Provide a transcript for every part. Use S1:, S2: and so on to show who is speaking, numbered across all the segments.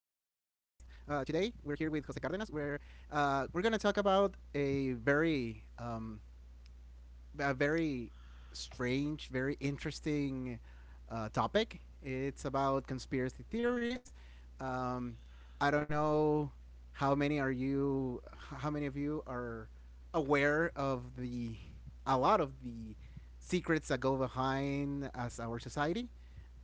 S1: Today, we're here with Jose Cardenas. We're going to talk about a very strange, very interesting topic. It's about conspiracy theories. Um, I don't know how many of you are aware of a lot of the secrets that go behind as our society.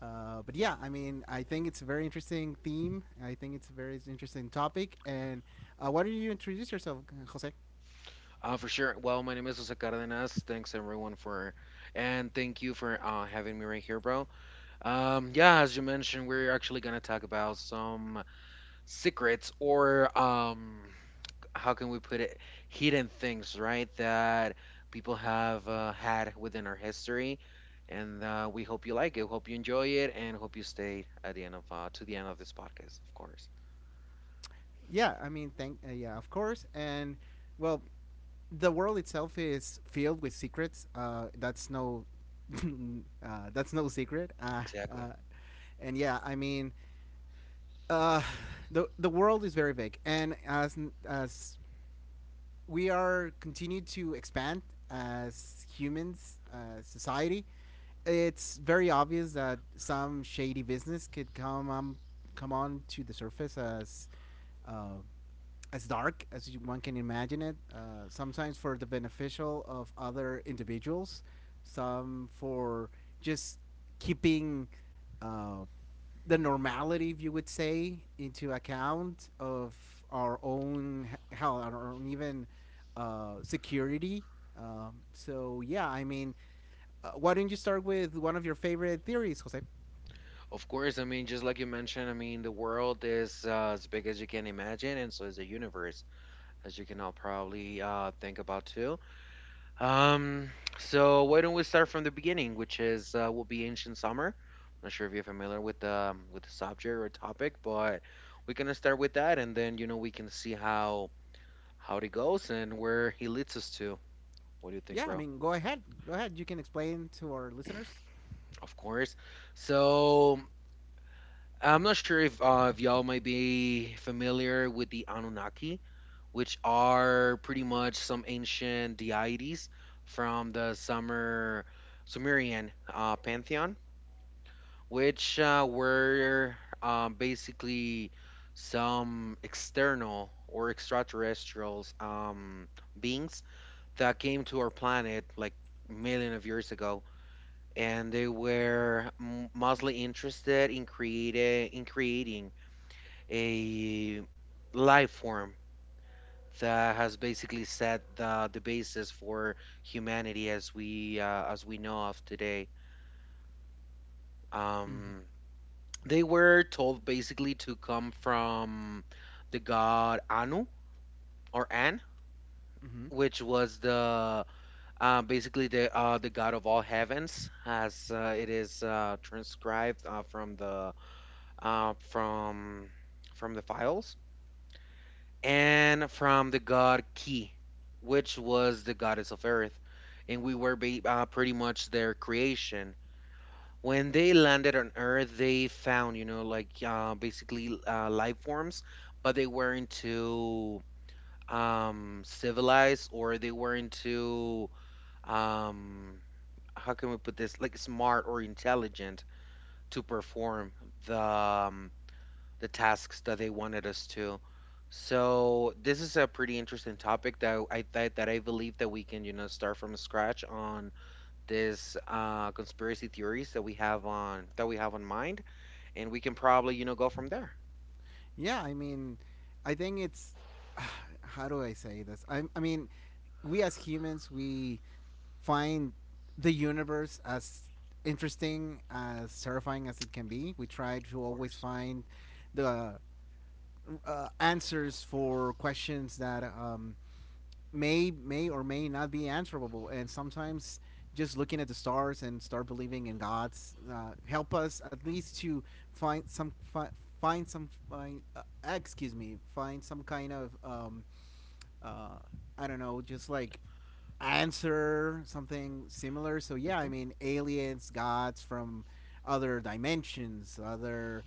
S1: But yeah, I mean, I think it's a very interesting theme. I think it's a very interesting topic. And why don't you introduce yourself, Jose?
S2: For sure. Well, my name is Jose Cardenas. Thanks everyone for, and thank you for having me right here, bro. Yeah, as you mentioned, we're actually gonna talk about some secrets or how can we put it, hidden things, right? That people have had within our history, and we hope you like it, hope you enjoy it, and hope you stay at the end of to the end of this podcast, of course.
S1: Yeah, I mean, thank yeah, of course, and well, the world itself is filled with secrets. That's no, that's no secret.
S2: Exactly.
S1: Uh, and yeah, I mean, uh, the world is very big, and as we are continued to expand as humans, as society. It's very obvious that some shady business could come on to the surface uh, as dark as one can imagine it. Sometimes for the beneficial of other individuals, some for just keeping uh, the normality, if you would say, into account of our own hell, our own even security. So yeah, I mean, why don't you start with one of your favorite theories, Jose?
S2: Of course, I mean, just like you mentioned, I mean, the world is as big as you can imagine, and so is the universe, as you can all probably think about too. Um, so why don't we start from the beginning, which is will be ancient summer. Not sure if you're familiar with the subject or topic, but we're gonna start with that, and then you know we can see how it goes and where he leads us to. What do you
S1: Yeah, I
S2: think, bro?
S1: mean, go ahead, go ahead. You can explain to our listeners.
S2: Of course. So I'm not sure if y'all might be familiar with the Anunnaki, which are pretty much some ancient deities from the Sumerian pantheon, which were basically some external or extraterrestrials beings that came to our planet like million of years ago. And they were mostly interested in creating a life form that has basically set the basis for humanity as we know of today.
S1: Mm-hmm.
S2: Um, they were told basically to come from the god Anu or An,
S1: Mm-hmm.
S2: which was the basically the god of all heavens, as it is transcribed from uh, from the files. And from the god Ki, which was the goddess of Earth, and we were pretty much their creation. When they landed on Earth, they found, like basically life forms, but they weren't too civilized, or they weren't too, um, how can we put this, like smart or intelligent to perform the um, the tasks that they wanted us to. So this is a pretty interesting topic that I believe that we can start from scratch on this conspiracy theories that we have on mind, and we can probably go from there.
S1: Yeah, I mean, I think it's how do I say this? I mean, we as humans we find the universe as interesting as terrifying as it can be. We try
S2: Of
S1: to always
S2: course.
S1: find the answers for questions that may or may not be answerable, and sometimes just looking at the stars and start believing in gods help us at least to find some fi- find some find, excuse me find some kind of uh, I don't know, just like answer something similar. So yeah, I
S2: hmm
S1: mean, aliens, gods from other dimensions, other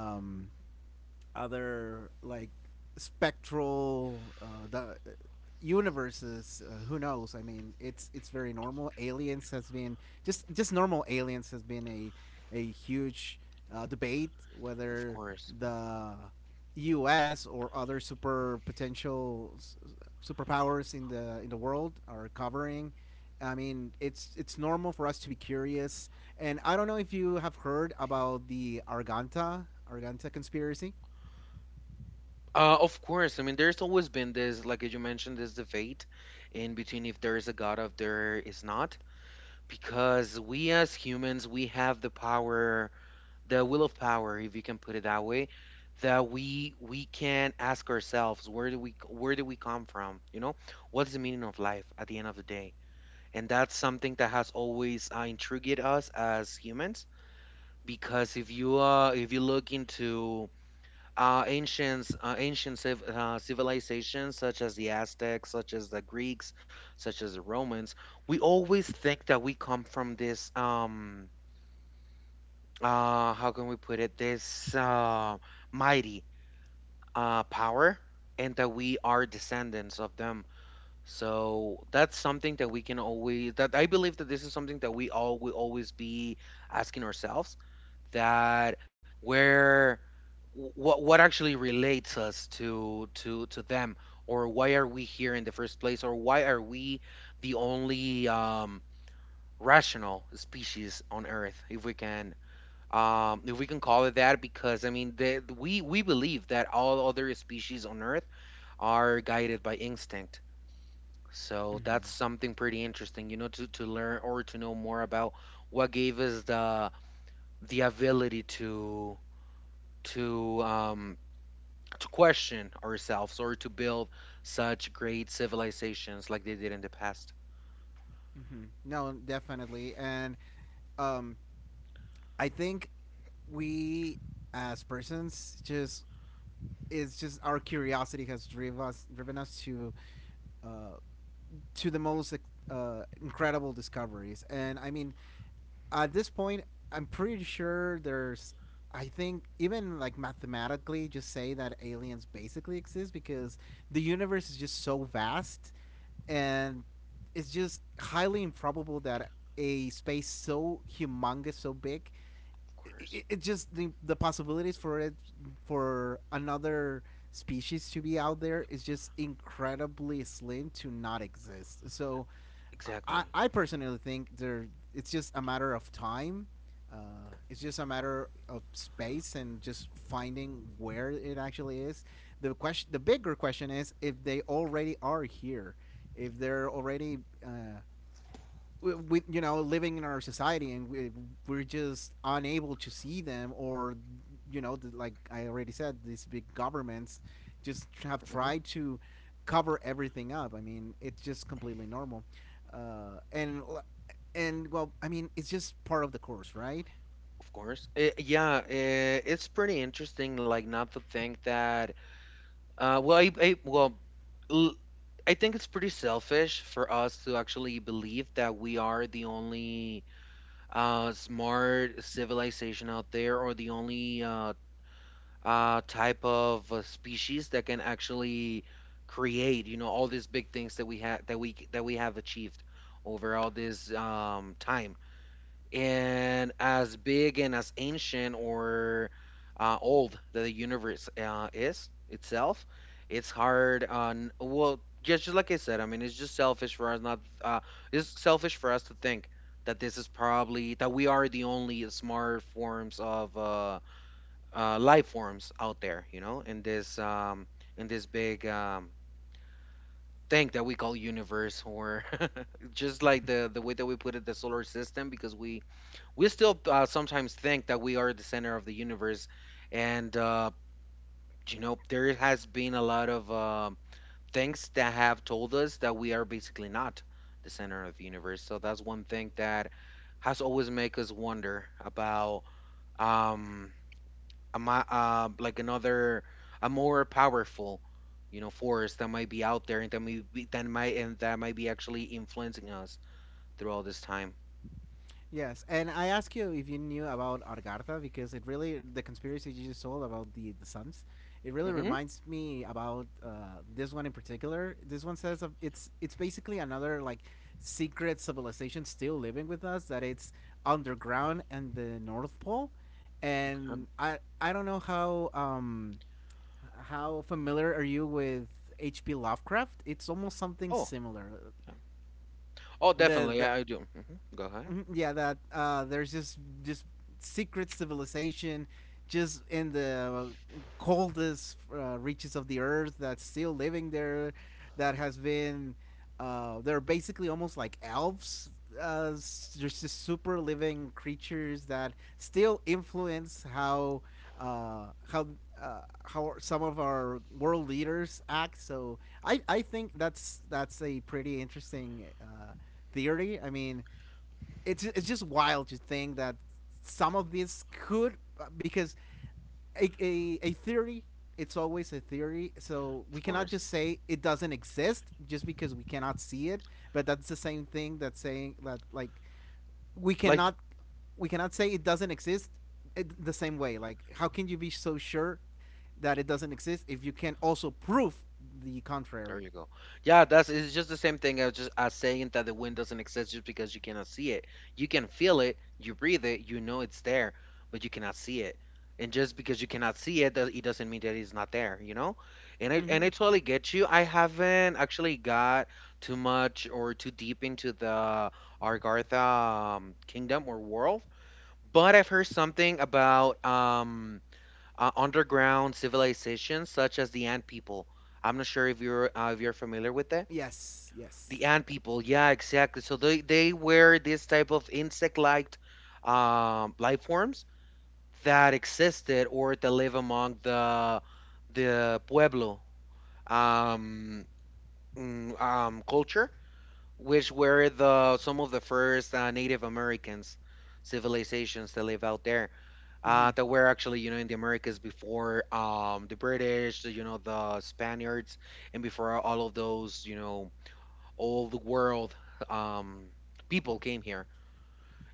S1: um, other like spectral the universes, who knows? I mean, it's very normal. Aliens has been just normal aliens has been a huge debate
S2: of
S1: whether
S2: course.
S1: the US or other superpowers in the world are covering. I mean, it's normal for us to be curious. And I don't know if you have heard about the arganta conspiracy.
S2: Of course. I mean, there's always been this, like as you mentioned, this debate in between if there is a God, if there is not, because we as humans we have the power, the will of power, if you can put it that way, that we can ask ourselves, where do we come from, what's the meaning of life at the end of the day? And that's something that has always intrigued us as humans, because if you look into ancient civilizations such as the Aztecs, such as the Greeks, such as the Romans, we always think that we come from this, how can we put it, this mighty power, and that we are descendants of them. So that's something that we can always that I believe that this is something that we all will always be asking ourselves, that, where what actually relates us to them, or why are we here in the first place, or why are we the only rational species on Earth, if we can, call it that, because I mean, we believe that all other species on Earth are guided by instinct. So
S1: Mm-hmm.
S2: that's something pretty interesting, to learn or to know more about what gave us the ability to um to question ourselves or to build such great civilizations like they did in the past.
S1: Mm-hmm. No, definitely. And um, I think we as persons just it's just our curiosity has driven us uh, to the most incredible discoveries. And I mean, at this point, I'm pretty sure there's, I think, even like mathematically just say that aliens basically exist because the universe is just so vast, and it's just highly improbable that a space so humongous, so big,
S2: Of course.
S1: the possibilities for it, for another species to be out there is just incredibly slim to not exist. So I,
S2: Exactly.
S1: I personally think there it's just a matter of time. Uh, it's just a matter of space and just finding where it actually is. The bigger question is if they already are here, if they're already uh, we you know, living in our society, and we're just unable to see them. Or you know, the, like I already said, these big governments just have
S2: Mhm.
S1: tried to cover everything up. I mean, it's just completely normal. uh, and and well, I mean, it's just part of the course, right?
S2: Of course. Yeah, it's pretty interesting, like, not to think that. Well, l- I think it's pretty selfish for us to actually believe that we are the only smart civilization out there, or the only type of species that can actually create, you know, all these big things that we have, that we have achieved over all this time. And as big and as ancient or old that the universe is itself, it's hard. On well, just like I said, I mean, it's just selfish for us not. It's selfish for us to think that this is probably that we are the only smart forms of life forms out there. You know, in this, in this big, thing that we call universe, or just like the way that we put it, the solar system, because we still sometimes think that we are the center of the universe, and there has been a lot of things that have told us that we are basically not the center of the universe. So that's one thing that has always make us wonder about, um a, like another, a more powerful, force that might be out there, and that may be, that might and that might be actually influencing us through all this time.
S1: Yes, and I asked you if you knew about Argartha because it really, the conspiracy you just told about the suns, it really
S2: hmm
S1: reminds me about this one in particular. This one says of- It's basically another like secret civilization still living with us, that it's underground and the North Pole. And I don't know how familiar are you with H.P. Lovecraft? It's almost something
S2: oh,
S1: similar.
S2: yeah. Oh,
S1: The, the
S2: definitely. Yeah, I do. Go ahead.
S1: mhm, yeah, that there's just secret civilization just in the coldest reaches of the earth that's still living there, that has been they're basically almost like elves, just super living creatures that still influence uh, how how some of our world leaders act. So I think that's a pretty interesting theory. I mean, it's just wild to think that some of this could because a theory, it's always a theory, so we
S2: Of
S1: cannot
S2: course.
S1: just say it doesn't exist just because we cannot see it. But that's the same thing that saying that like we
S2: Like,
S1: cannot
S2: th-
S1: we cannot say it doesn't exist. The same way, like how can you be so sure that it doesn't exist if you can also prove the
S2: there
S1: contrary?
S2: you go. Yeah, that's it's just the same thing as just as saying that the wind doesn't exist just because you cannot see it. You can feel it, you breathe it, you know it's there, but you cannot see it. And just because you cannot see it, it doesn't mean that it's not there, you know? And I
S1: Mm-hmm.
S2: and I totally get you. I haven't actually got too much or too deep into the Argartha kingdom or world, but I've heard something about underground civilizations such as the Ant people. I'm not sure if you're familiar with that.
S1: Yes,
S2: The
S1: yes.
S2: Ant people, yeah, exactly. So they were this type of insect-like life forms that existed or that live among the Pueblo um, culture, which were the some of the first Native Americans civilizations that live out there,
S1: Mm-hmm.
S2: that were actually, you know, in the Americas before the British, you know, the Spaniards, and before all of those, you know, all the world um, people came here.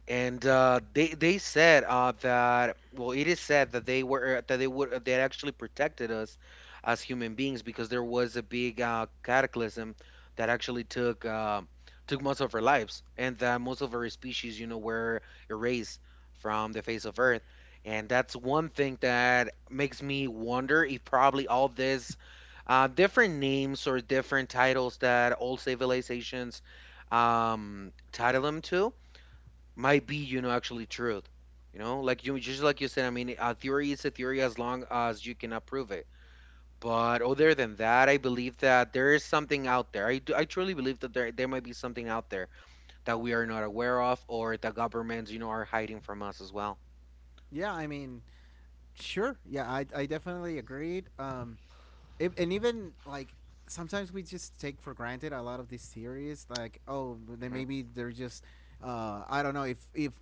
S2: And they said, that, well, it is said that they were that they would they had actually protected us as human beings, because there was a big cataclysm that actually took most of our lives, and that most of our species, you know, were erased from the face of Earth. And that's one thing that makes me wonder if probably all this different names or different titles that old civilizations title them to might be, you know, actually truth. You know, like you just like you said, I mean, a theory is a theory as long as you cannot prove it. But other than that, I believe that there is something out there. I truly believe that there might be something out there that we are not aware of, or the governments, you know, are hiding from us as well.
S1: Yeah, I mean, sure. Yeah, I definitely agreed. If, and even like sometimes we just take for granted a lot of these theories. Like, oh, they
S2: hmm
S1: maybe they're just, I don't know if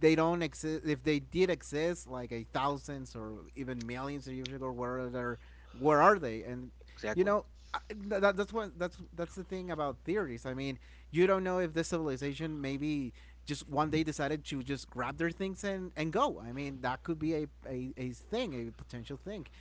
S1: they don't exist. If they did exist, like a thousands or even millions of years ago, where are they? Where are they? And you
S2: exactly.
S1: know, that's what, that's the thing about theories. I mean, you don't know if this civilization maybe just one day decided to just grab their things and go. I mean, that could be a thing, a potential thing.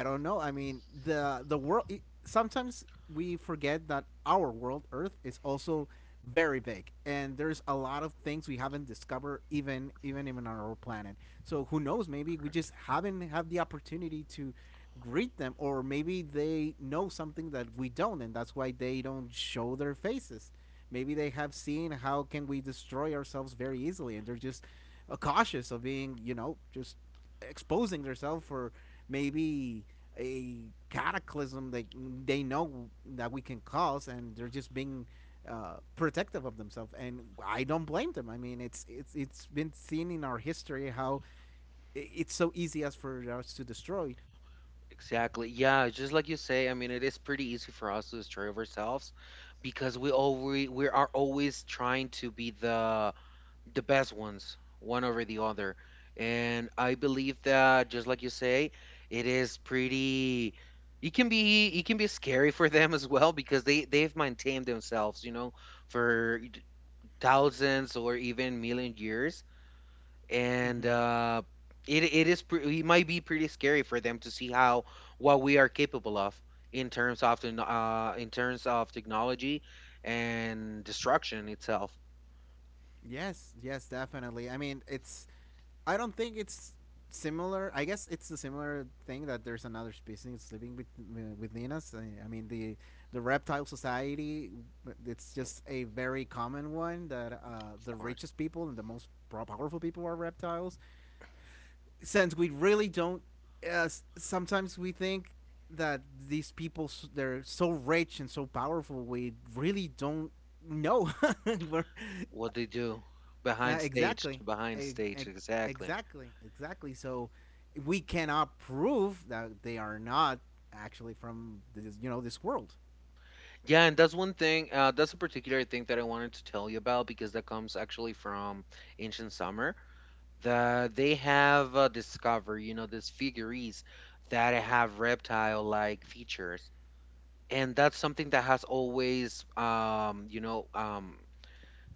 S1: I don't know. I mean, the world, sometimes we forget that our world earth is also very big, and there's a lot of things we haven't discovered even on our planet. So who knows? Maybe we
S2: Correct.
S1: just haven't had the opportunity to greet them. Or maybe they know something that we don't, and that's why they don't show their faces. Maybe they have seen how can we destroy ourselves very easily, and they're just cautious of being, you know, just exposing themselves for maybe a cataclysm they know that we can cause, and they're just being protective of themselves. And I don't blame them. I mean, it's it's been seen in our history how it's so easy as for us to destroy.
S2: Exactly. Yeah, just like you say, I mean, it is pretty easy for us to destroy ourselves, because we are always trying to be the best ones, one over the other. And I believe that, just like you say, it is pretty. It can be scary for them as well, because they've maintained themselves, you know, for thousands or even million years, and
S1: Hmm.
S2: it it it might be pretty scary for them to see how, what we are capable of, in terms of technology and destruction itself.
S1: Yes, yes, definitely. I mean, it's, I don't think it's similar. I guess it's a similar thing that there's another species living with within us. I mean, the reptile society. It's just a very common one, that
S2: Of
S1: the
S2: course.
S1: richest people and the most powerful people are reptiles. Since we really don't. Sometimes we think that these people they're so rich and so powerful. We really don't know. We're
S2: What they do
S1: exactly.
S2: behind
S1: E- e-
S2: stage, exactly.
S1: exactly. Exactly. So we cannot prove that they are not actually from this, you know, this world.
S2: Yeah, and that's one thing. That's a particular thing that I wanted to tell you about, because that comes actually from Ancient Summer. That they have discovered, you know, these figurines that have reptile-like features, and that's something that has always,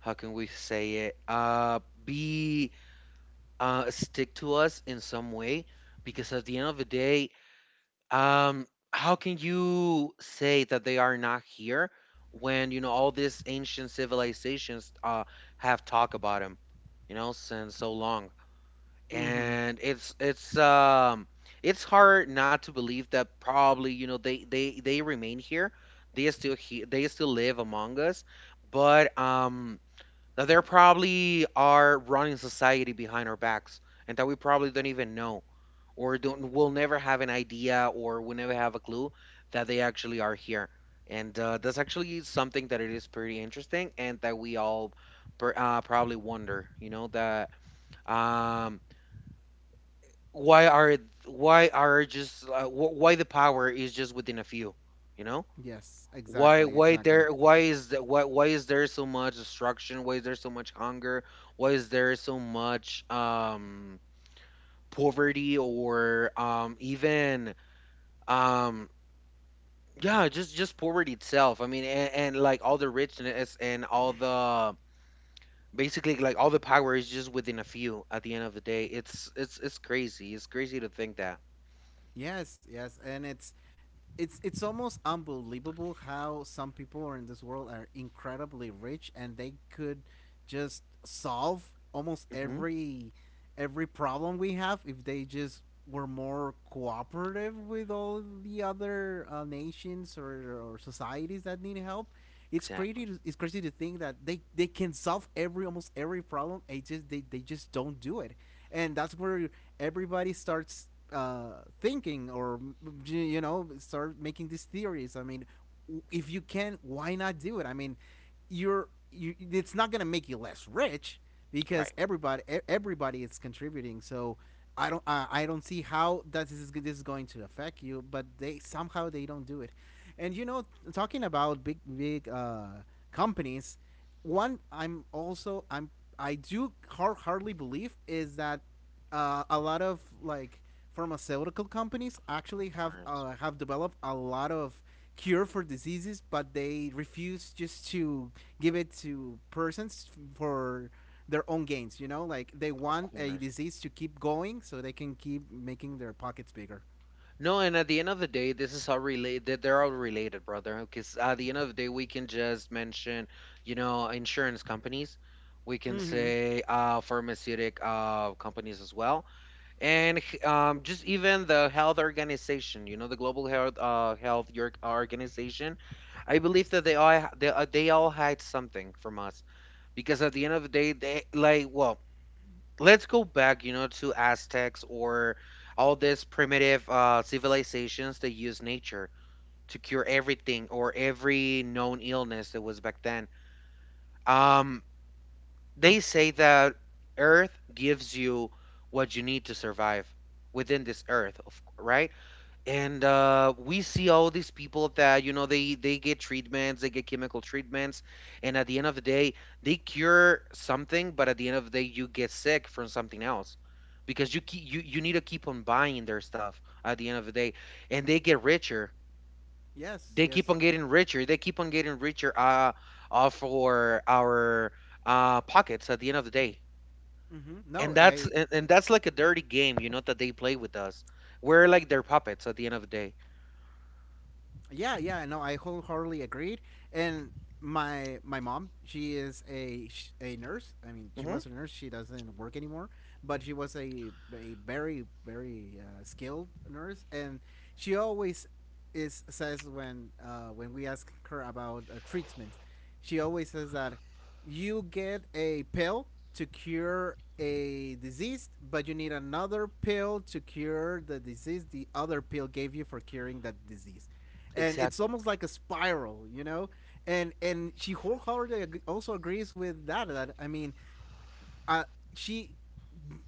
S2: how can we say it? Be Stick to us in some way, because at the end of the day. Um, how can you say that they are not here when, you know, all these ancient civilizations have talked about them, you know, since so long.
S1: Mhm.
S2: And it's hard not to believe that probably, you know, they remain here. They are still here. They still live among us. But that they probably are running society behind our backs, and that we probably don't even know, or don't, will never have an idea, or will never have a clue that they actually are here. And that's actually something that it is pretty interesting, and that we all probably wonder, you know, that um, why are why are just why the power is just within a few, you know
S1: Yes,
S2: why
S1: exactly,
S2: why there
S1: exactly.
S2: why is that why why is there so much destruction? Why is there so much hunger? Why is there so much poverty, or even um yeah, just poverty itself. I mean, and like all the richness and all the, basically, like all the power is just within a few at the end of the day. It's crazy. It's crazy to think that.
S1: Yes, yes, and it's, it's almost unbelievable how some people are in this world are incredibly rich, and they could just solve almost
S2: Mhm.
S1: every problem we have if they just were more cooperative with all the other nations, or societies that need help. It's crazy.
S2: Exactly.
S1: It's crazy to think that they can solve every, almost every problem. It just they just don't do it, and that's where everybody starts thinking, or you know, start making these theories. I mean, if you can, why not do it? I mean, you're you it's not going to make you less rich because
S2: Right.
S1: everybody is contributing. So I don't see how that this is going to affect you, but they somehow they don't do it. And you know, talking about big companies, one I'm also I'm I do hard, hardly believe is that a lot of like pharmaceutical companies
S2: Of
S1: actually
S2: course.
S1: have developed a lot of cure for diseases, but they refuse just to give it to persons for their own gains. You know, like they
S2: Of
S1: want a
S2: course.
S1: disease to keep going so they can keep making their pockets bigger.
S2: No, and at the end of the day, this is how related, they're all related, brother. Because at the end of the day, we can just mention, you know, insurance companies. We can
S1: Mm-hmm.
S2: say pharmaceutic companies as well, and just even the health organization. You know, the Global Health Organization. I believe that they all hide something from us, because at the end of the day, they like, well, let's go back, you know, to Aztecs or all these primitive civilizations that use nature to cure everything or every known illness that was back then. Um, they say that Earth gives you what you need to survive within this Earth, right? And we see all these people that, you know, they get treatments, they get chemical treatments, and at the end of the day they cure something, but at the end of the day you get sick from something else, because you need to keep on buying their stuff at the end of the day, and they get richer.
S1: Yes,
S2: They keep
S1: yes.
S2: on getting richer, they keep on getting richer, for our pockets at the end of the day.
S1: Mm-hmm.
S2: and
S1: No,
S2: that's
S1: I.
S2: and, and that's like a dirty game, you know, that they play with us. We're like their puppets at the end of the day.
S1: Yeah, yeah, no, I wholeheartedly agreed. And my mom, she is a nurse. I mean, she
S2: Hmm.
S1: was a nurse. She doesn't work anymore, but she was a very skilled nurse, and she always is says when we ask her about treatments, she always says that you get a pill to cure a disease, but you need another pill to cure the disease the other pill gave you for curing that disease. And it's
S2: Exactly.
S1: almost like a spiral, you know? And she wholeheartedly also agrees with that. I mean, uh, she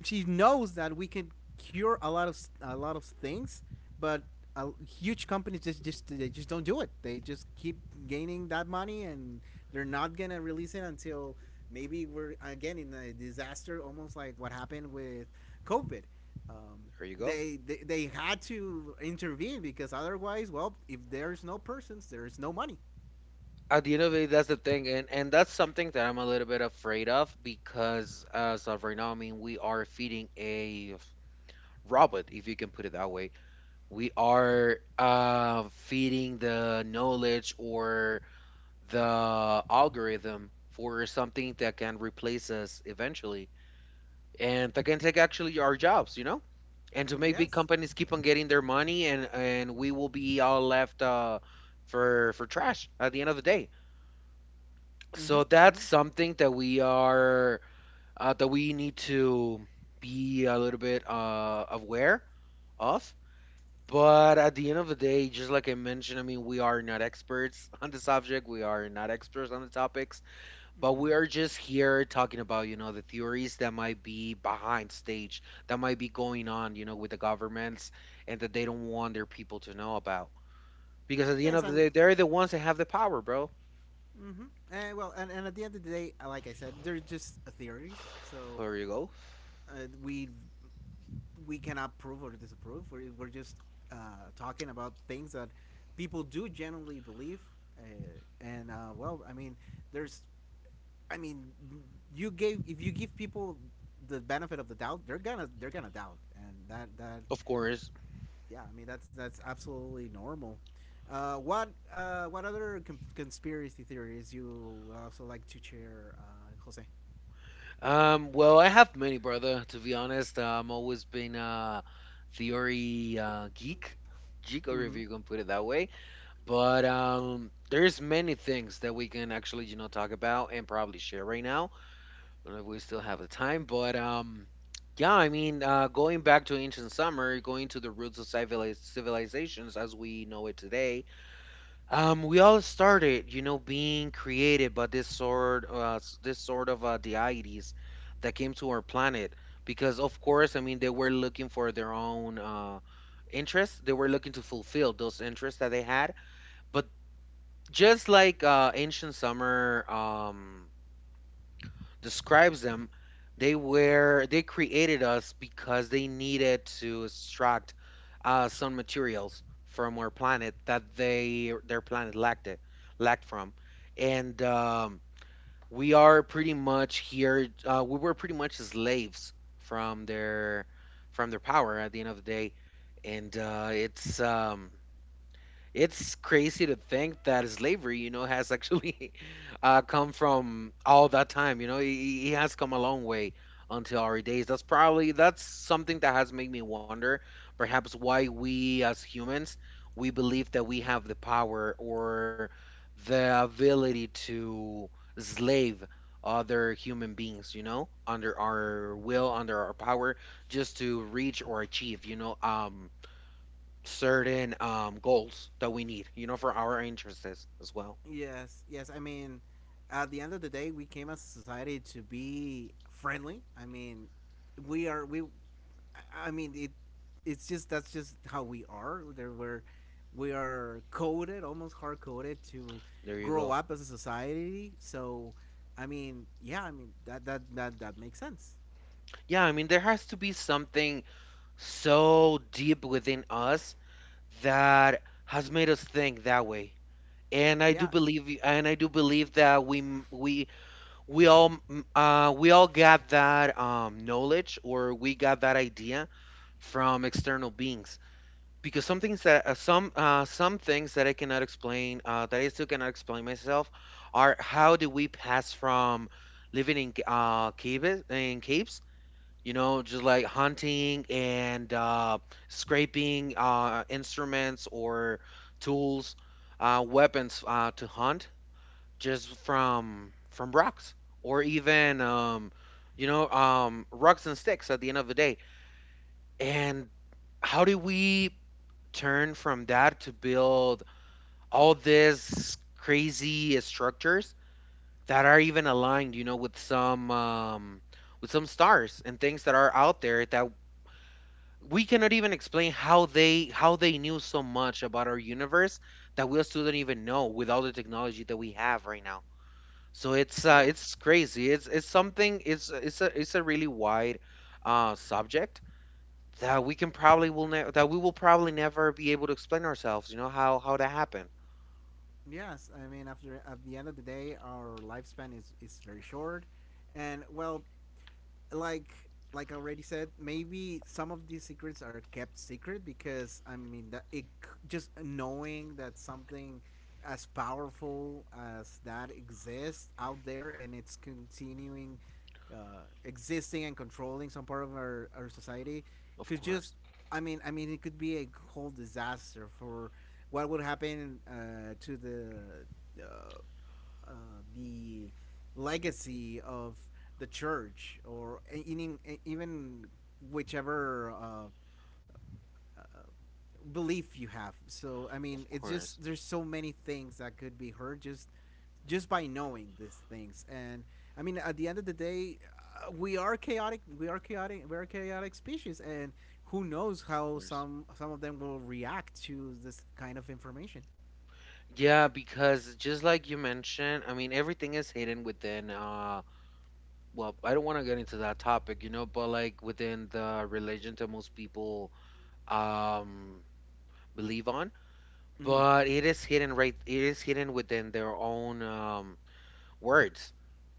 S1: she knows that we can cure a lot of things, but huge companies just they just don't do it. They just keep gaining that money, and they're not gonna release it until maybe we're again in a disaster, almost like what happened with COVID. Um,
S2: Here you go.
S1: they had to intervene because otherwise, well, if there's no persons, there is no money.
S2: At the end of the day, that's the thing, and that's something that I'm a little bit afraid of, because as of right now, I mean, we are feeding a robot, if you can put it that way. We are feeding the knowledge or the algorithm for something that can replace us eventually, and that can take actually our jobs, you know. And to make big
S1: Yes.
S2: companies keep on getting their money, and we will be all left, for trash at the end of the day.
S1: Mm-hmm.
S2: So that's
S1: Mm-hmm.
S2: something that we are, that we need to be a little bit aware of. But at the end of the day, just like I mentioned, I mean, we are not experts on the subject. We are not experts on the topics, but
S1: Mm-hmm.
S2: we are just here talking about, you know, the theories that might be behind stage, that might be going on, you know, with the governments, and that they don't want their people to know about. Because at the end
S1: Yes,
S2: of the day,
S1: I'm.
S2: they're the ones that have the power, bro.
S1: Mm-hmm. And well, and at the end of the day, like I said, they're just theories. So
S2: There you go.
S1: uh, we we cannot prove or disapprove. We're just uh, talking about things that people do generally believe. Uh, and well, I mean, there's, I mean, you gave if you give people the benefit of the doubt, they're gonna doubt, and that that
S2: Of course.
S1: yeah, I mean that's absolutely normal. What other conspiracy theories you would also like to share, Jose?
S2: Well, I have many, brother. To be honest, I'm always been a theory geek, or, if
S1: Mm-hmm.
S2: you can put it that way. But there's many things that we can actually, you know, talk about and probably share right now. I don't know if we still have the time, but yeah, I mean, going back to ancient summer, going to the roots of civilizations as we know it today. Um, we all started, you know, being created by this sort of deities that came to our planet. Because, of course, I mean, they were looking for their own interests. They were looking to fulfill those interests that they had. But, just like ancient summer, describes them, they created us because they needed to extract some materials from our planet that they their planet lacked from, and we are pretty much here. We were pretty much slaves from their power at the end of the day, and it's crazy to think that slavery, you know, has actually come from all that time. You know, it has come a long way until our days. That's something that has made me wonder, perhaps, why we as humans, we believe that we have the power or the ability to slave other human beings, you know, under our will, under our power, just to reach or achieve, you know, certain goals that we need, you know, for our interests as well.
S1: Yes, yes. I mean, at the end of the day, we came as a society to be friendly. I mean, we are we. I mean, it. It's just that's just how we are. There we're we are coded, almost hard coded, to
S2: There you
S1: grow
S2: go.
S1: up as a society. So, I mean, yeah, I mean that makes sense.
S2: Yeah, I mean, there has to be something so deep within us that has made us think that way.
S1: Yeah,
S2: And I do believe that we all got that knowledge, or we got that idea from external beings, because some things that I cannot explain that I still cannot explain myself are, how do we pass from living in caves, you know, just like hunting, and scraping instruments or tools, weapons, to hunt, just from rocks, or even you know, rocks and sticks at the end of the day? And how do we turn from that to build all this crazy structures that are even aligned, you know, with some stars and things that are out there, that we cannot even explain how they knew so much about our universe, that we still don't even know with all the technology that we have right now. So
S1: yeah,
S2: it's crazy. It's something. It's a really wide subject, that we can probably will ne- that we will probably never be able to explain ourselves. You know, how that happened.
S1: yes. I mean, after at the end of the day, our lifespan is very short, and well, like like I already said, maybe some of these secrets are kept secret because I mean that just knowing that something as powerful as that exists out there and it's continuing existing and controlling some part of our society
S2: Of
S1: could
S2: course,
S1: just I mean it could be a whole disaster for what would happen to uh, uh, the legacy of the church or even even whichever uh, belief you have. So I
S2: of
S1: mean, it's
S2: course,
S1: just there's so many things that could be heard just by knowing these things. And I mean, at the end of the day, we are chaotic. We are chaotic. We're a chaotic species, and who knows
S2: of
S1: how
S2: course.
S1: some of them will react to this kind of information.
S2: Yeah, because, just like you mentioned, I mean, everything is hidden within, well, I don't want to get into that topic, you know, but, like, within the religion that most people um believe on,
S1: Mm-hmm.
S2: but it is hidden, right, it is hidden within their own words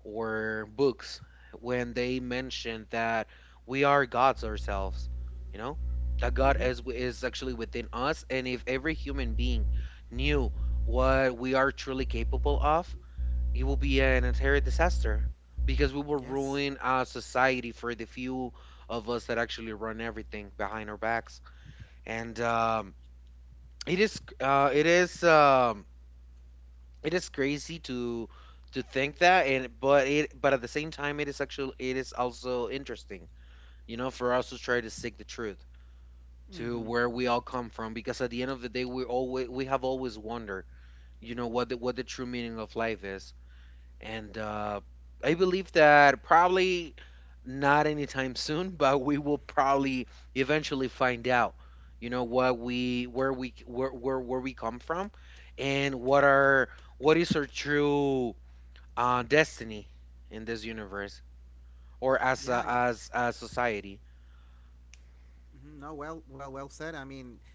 S2: or books, when they mention that we are gods ourselves, you know, that god
S1: Mm-hmm.
S2: is actually within us. And if every human being knew what we are truly capable of, it will be an entire disaster, because we will
S1: Yes.
S2: ruin our society for the few of us that actually run everything behind our backs. And it is uh it is um it is crazy to think that. And but it but at the same time, it is also interesting, you know, for us to try to seek the truth, to
S1: Mm-hmm.
S2: where we all
S1: Mm-hmm.
S2: come from, because at the end of the day we have always wondered, you know, what the true meaning of life is. And I believe that probably, not anytime soon, but we will probably eventually find out, you know, what we where we come from, and what is our true destiny in this universe, or
S1: Yeah, yeah.
S2: as a society.
S1: Mhm. No, well said. I mean,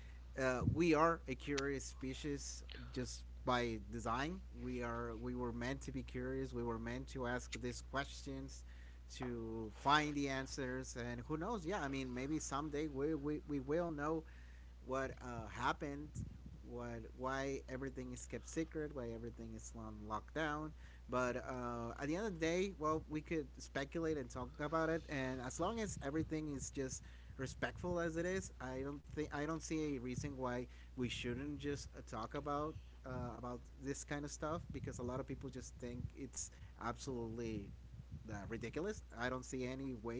S1: we are a curious species just by design. We are. We were meant to be curious. We were meant to ask these questions, to find the answers, and who knows? Yeah, I mean, maybe someday we will know what happened, what why everything is kept secret, why everything is on lockdown. But at the end of the day, well, we could speculate and talk about it, and as long as everything is just respectful as it is, I don't see a reason why we shouldn't just talk about this kind of stuff because a lot of people just think it's absolutely ridiculous. I don't see any way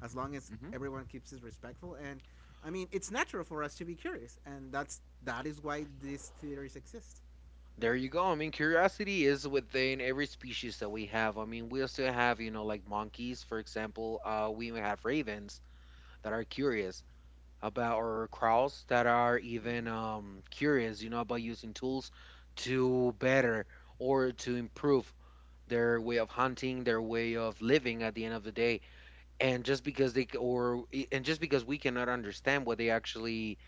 S1: as long as
S2: Hmm.
S1: everyone keeps it respectful. And I mean, it's natural for us to be curious, and that is why these theories exist.
S2: There you go. I mean, curiosity is within every species that we have. I mean, we still have, you know, like monkeys, for example. We may have ravens that are curious about, or crows that are even curious, you know, about using tools to better or to improve their way of hunting, their way of living at the end of the day. And just because they, c- or, and just because we cannot understand what they actually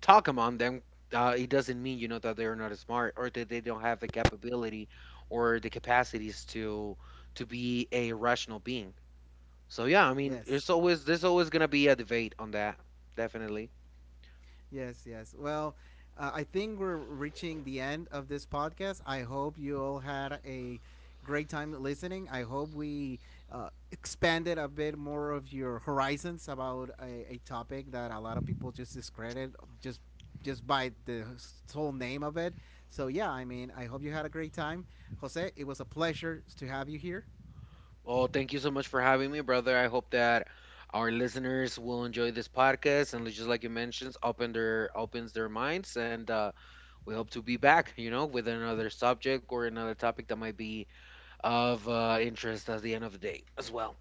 S2: talk among them, it doesn't mean, you know, that they're not smart or that they don't have the capability or the capacities to be a rational being. So yeah, I mean,
S1: Yes,
S2: there's always gonna be a debate on that, definitely.
S1: Yes. Well, I think we're reaching the end of this podcast. I hope you all had a great time listening. I hope we expanded a bit more of your horizons about a topic that a lot of people just discredit just just by whole name of it. So yeah, I mean, I hope you had a great time, Jose. It was a pleasure to have you here.
S2: Well, thank you so much for having me, brother. I hope that our listeners will enjoy this podcast, and, just like you mentioned, opens their minds, and we hope to be back, you know, with another subject or another topic that might be of interest at the end of the day as well.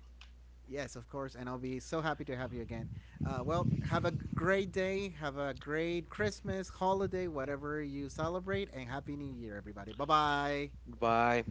S1: Yes, of course, and I'll be so happy to have you again. Well, have a great day. Have a great Christmas, holiday, whatever you celebrate, and Happy New Year, everybody. Bye bye.
S2: Bye.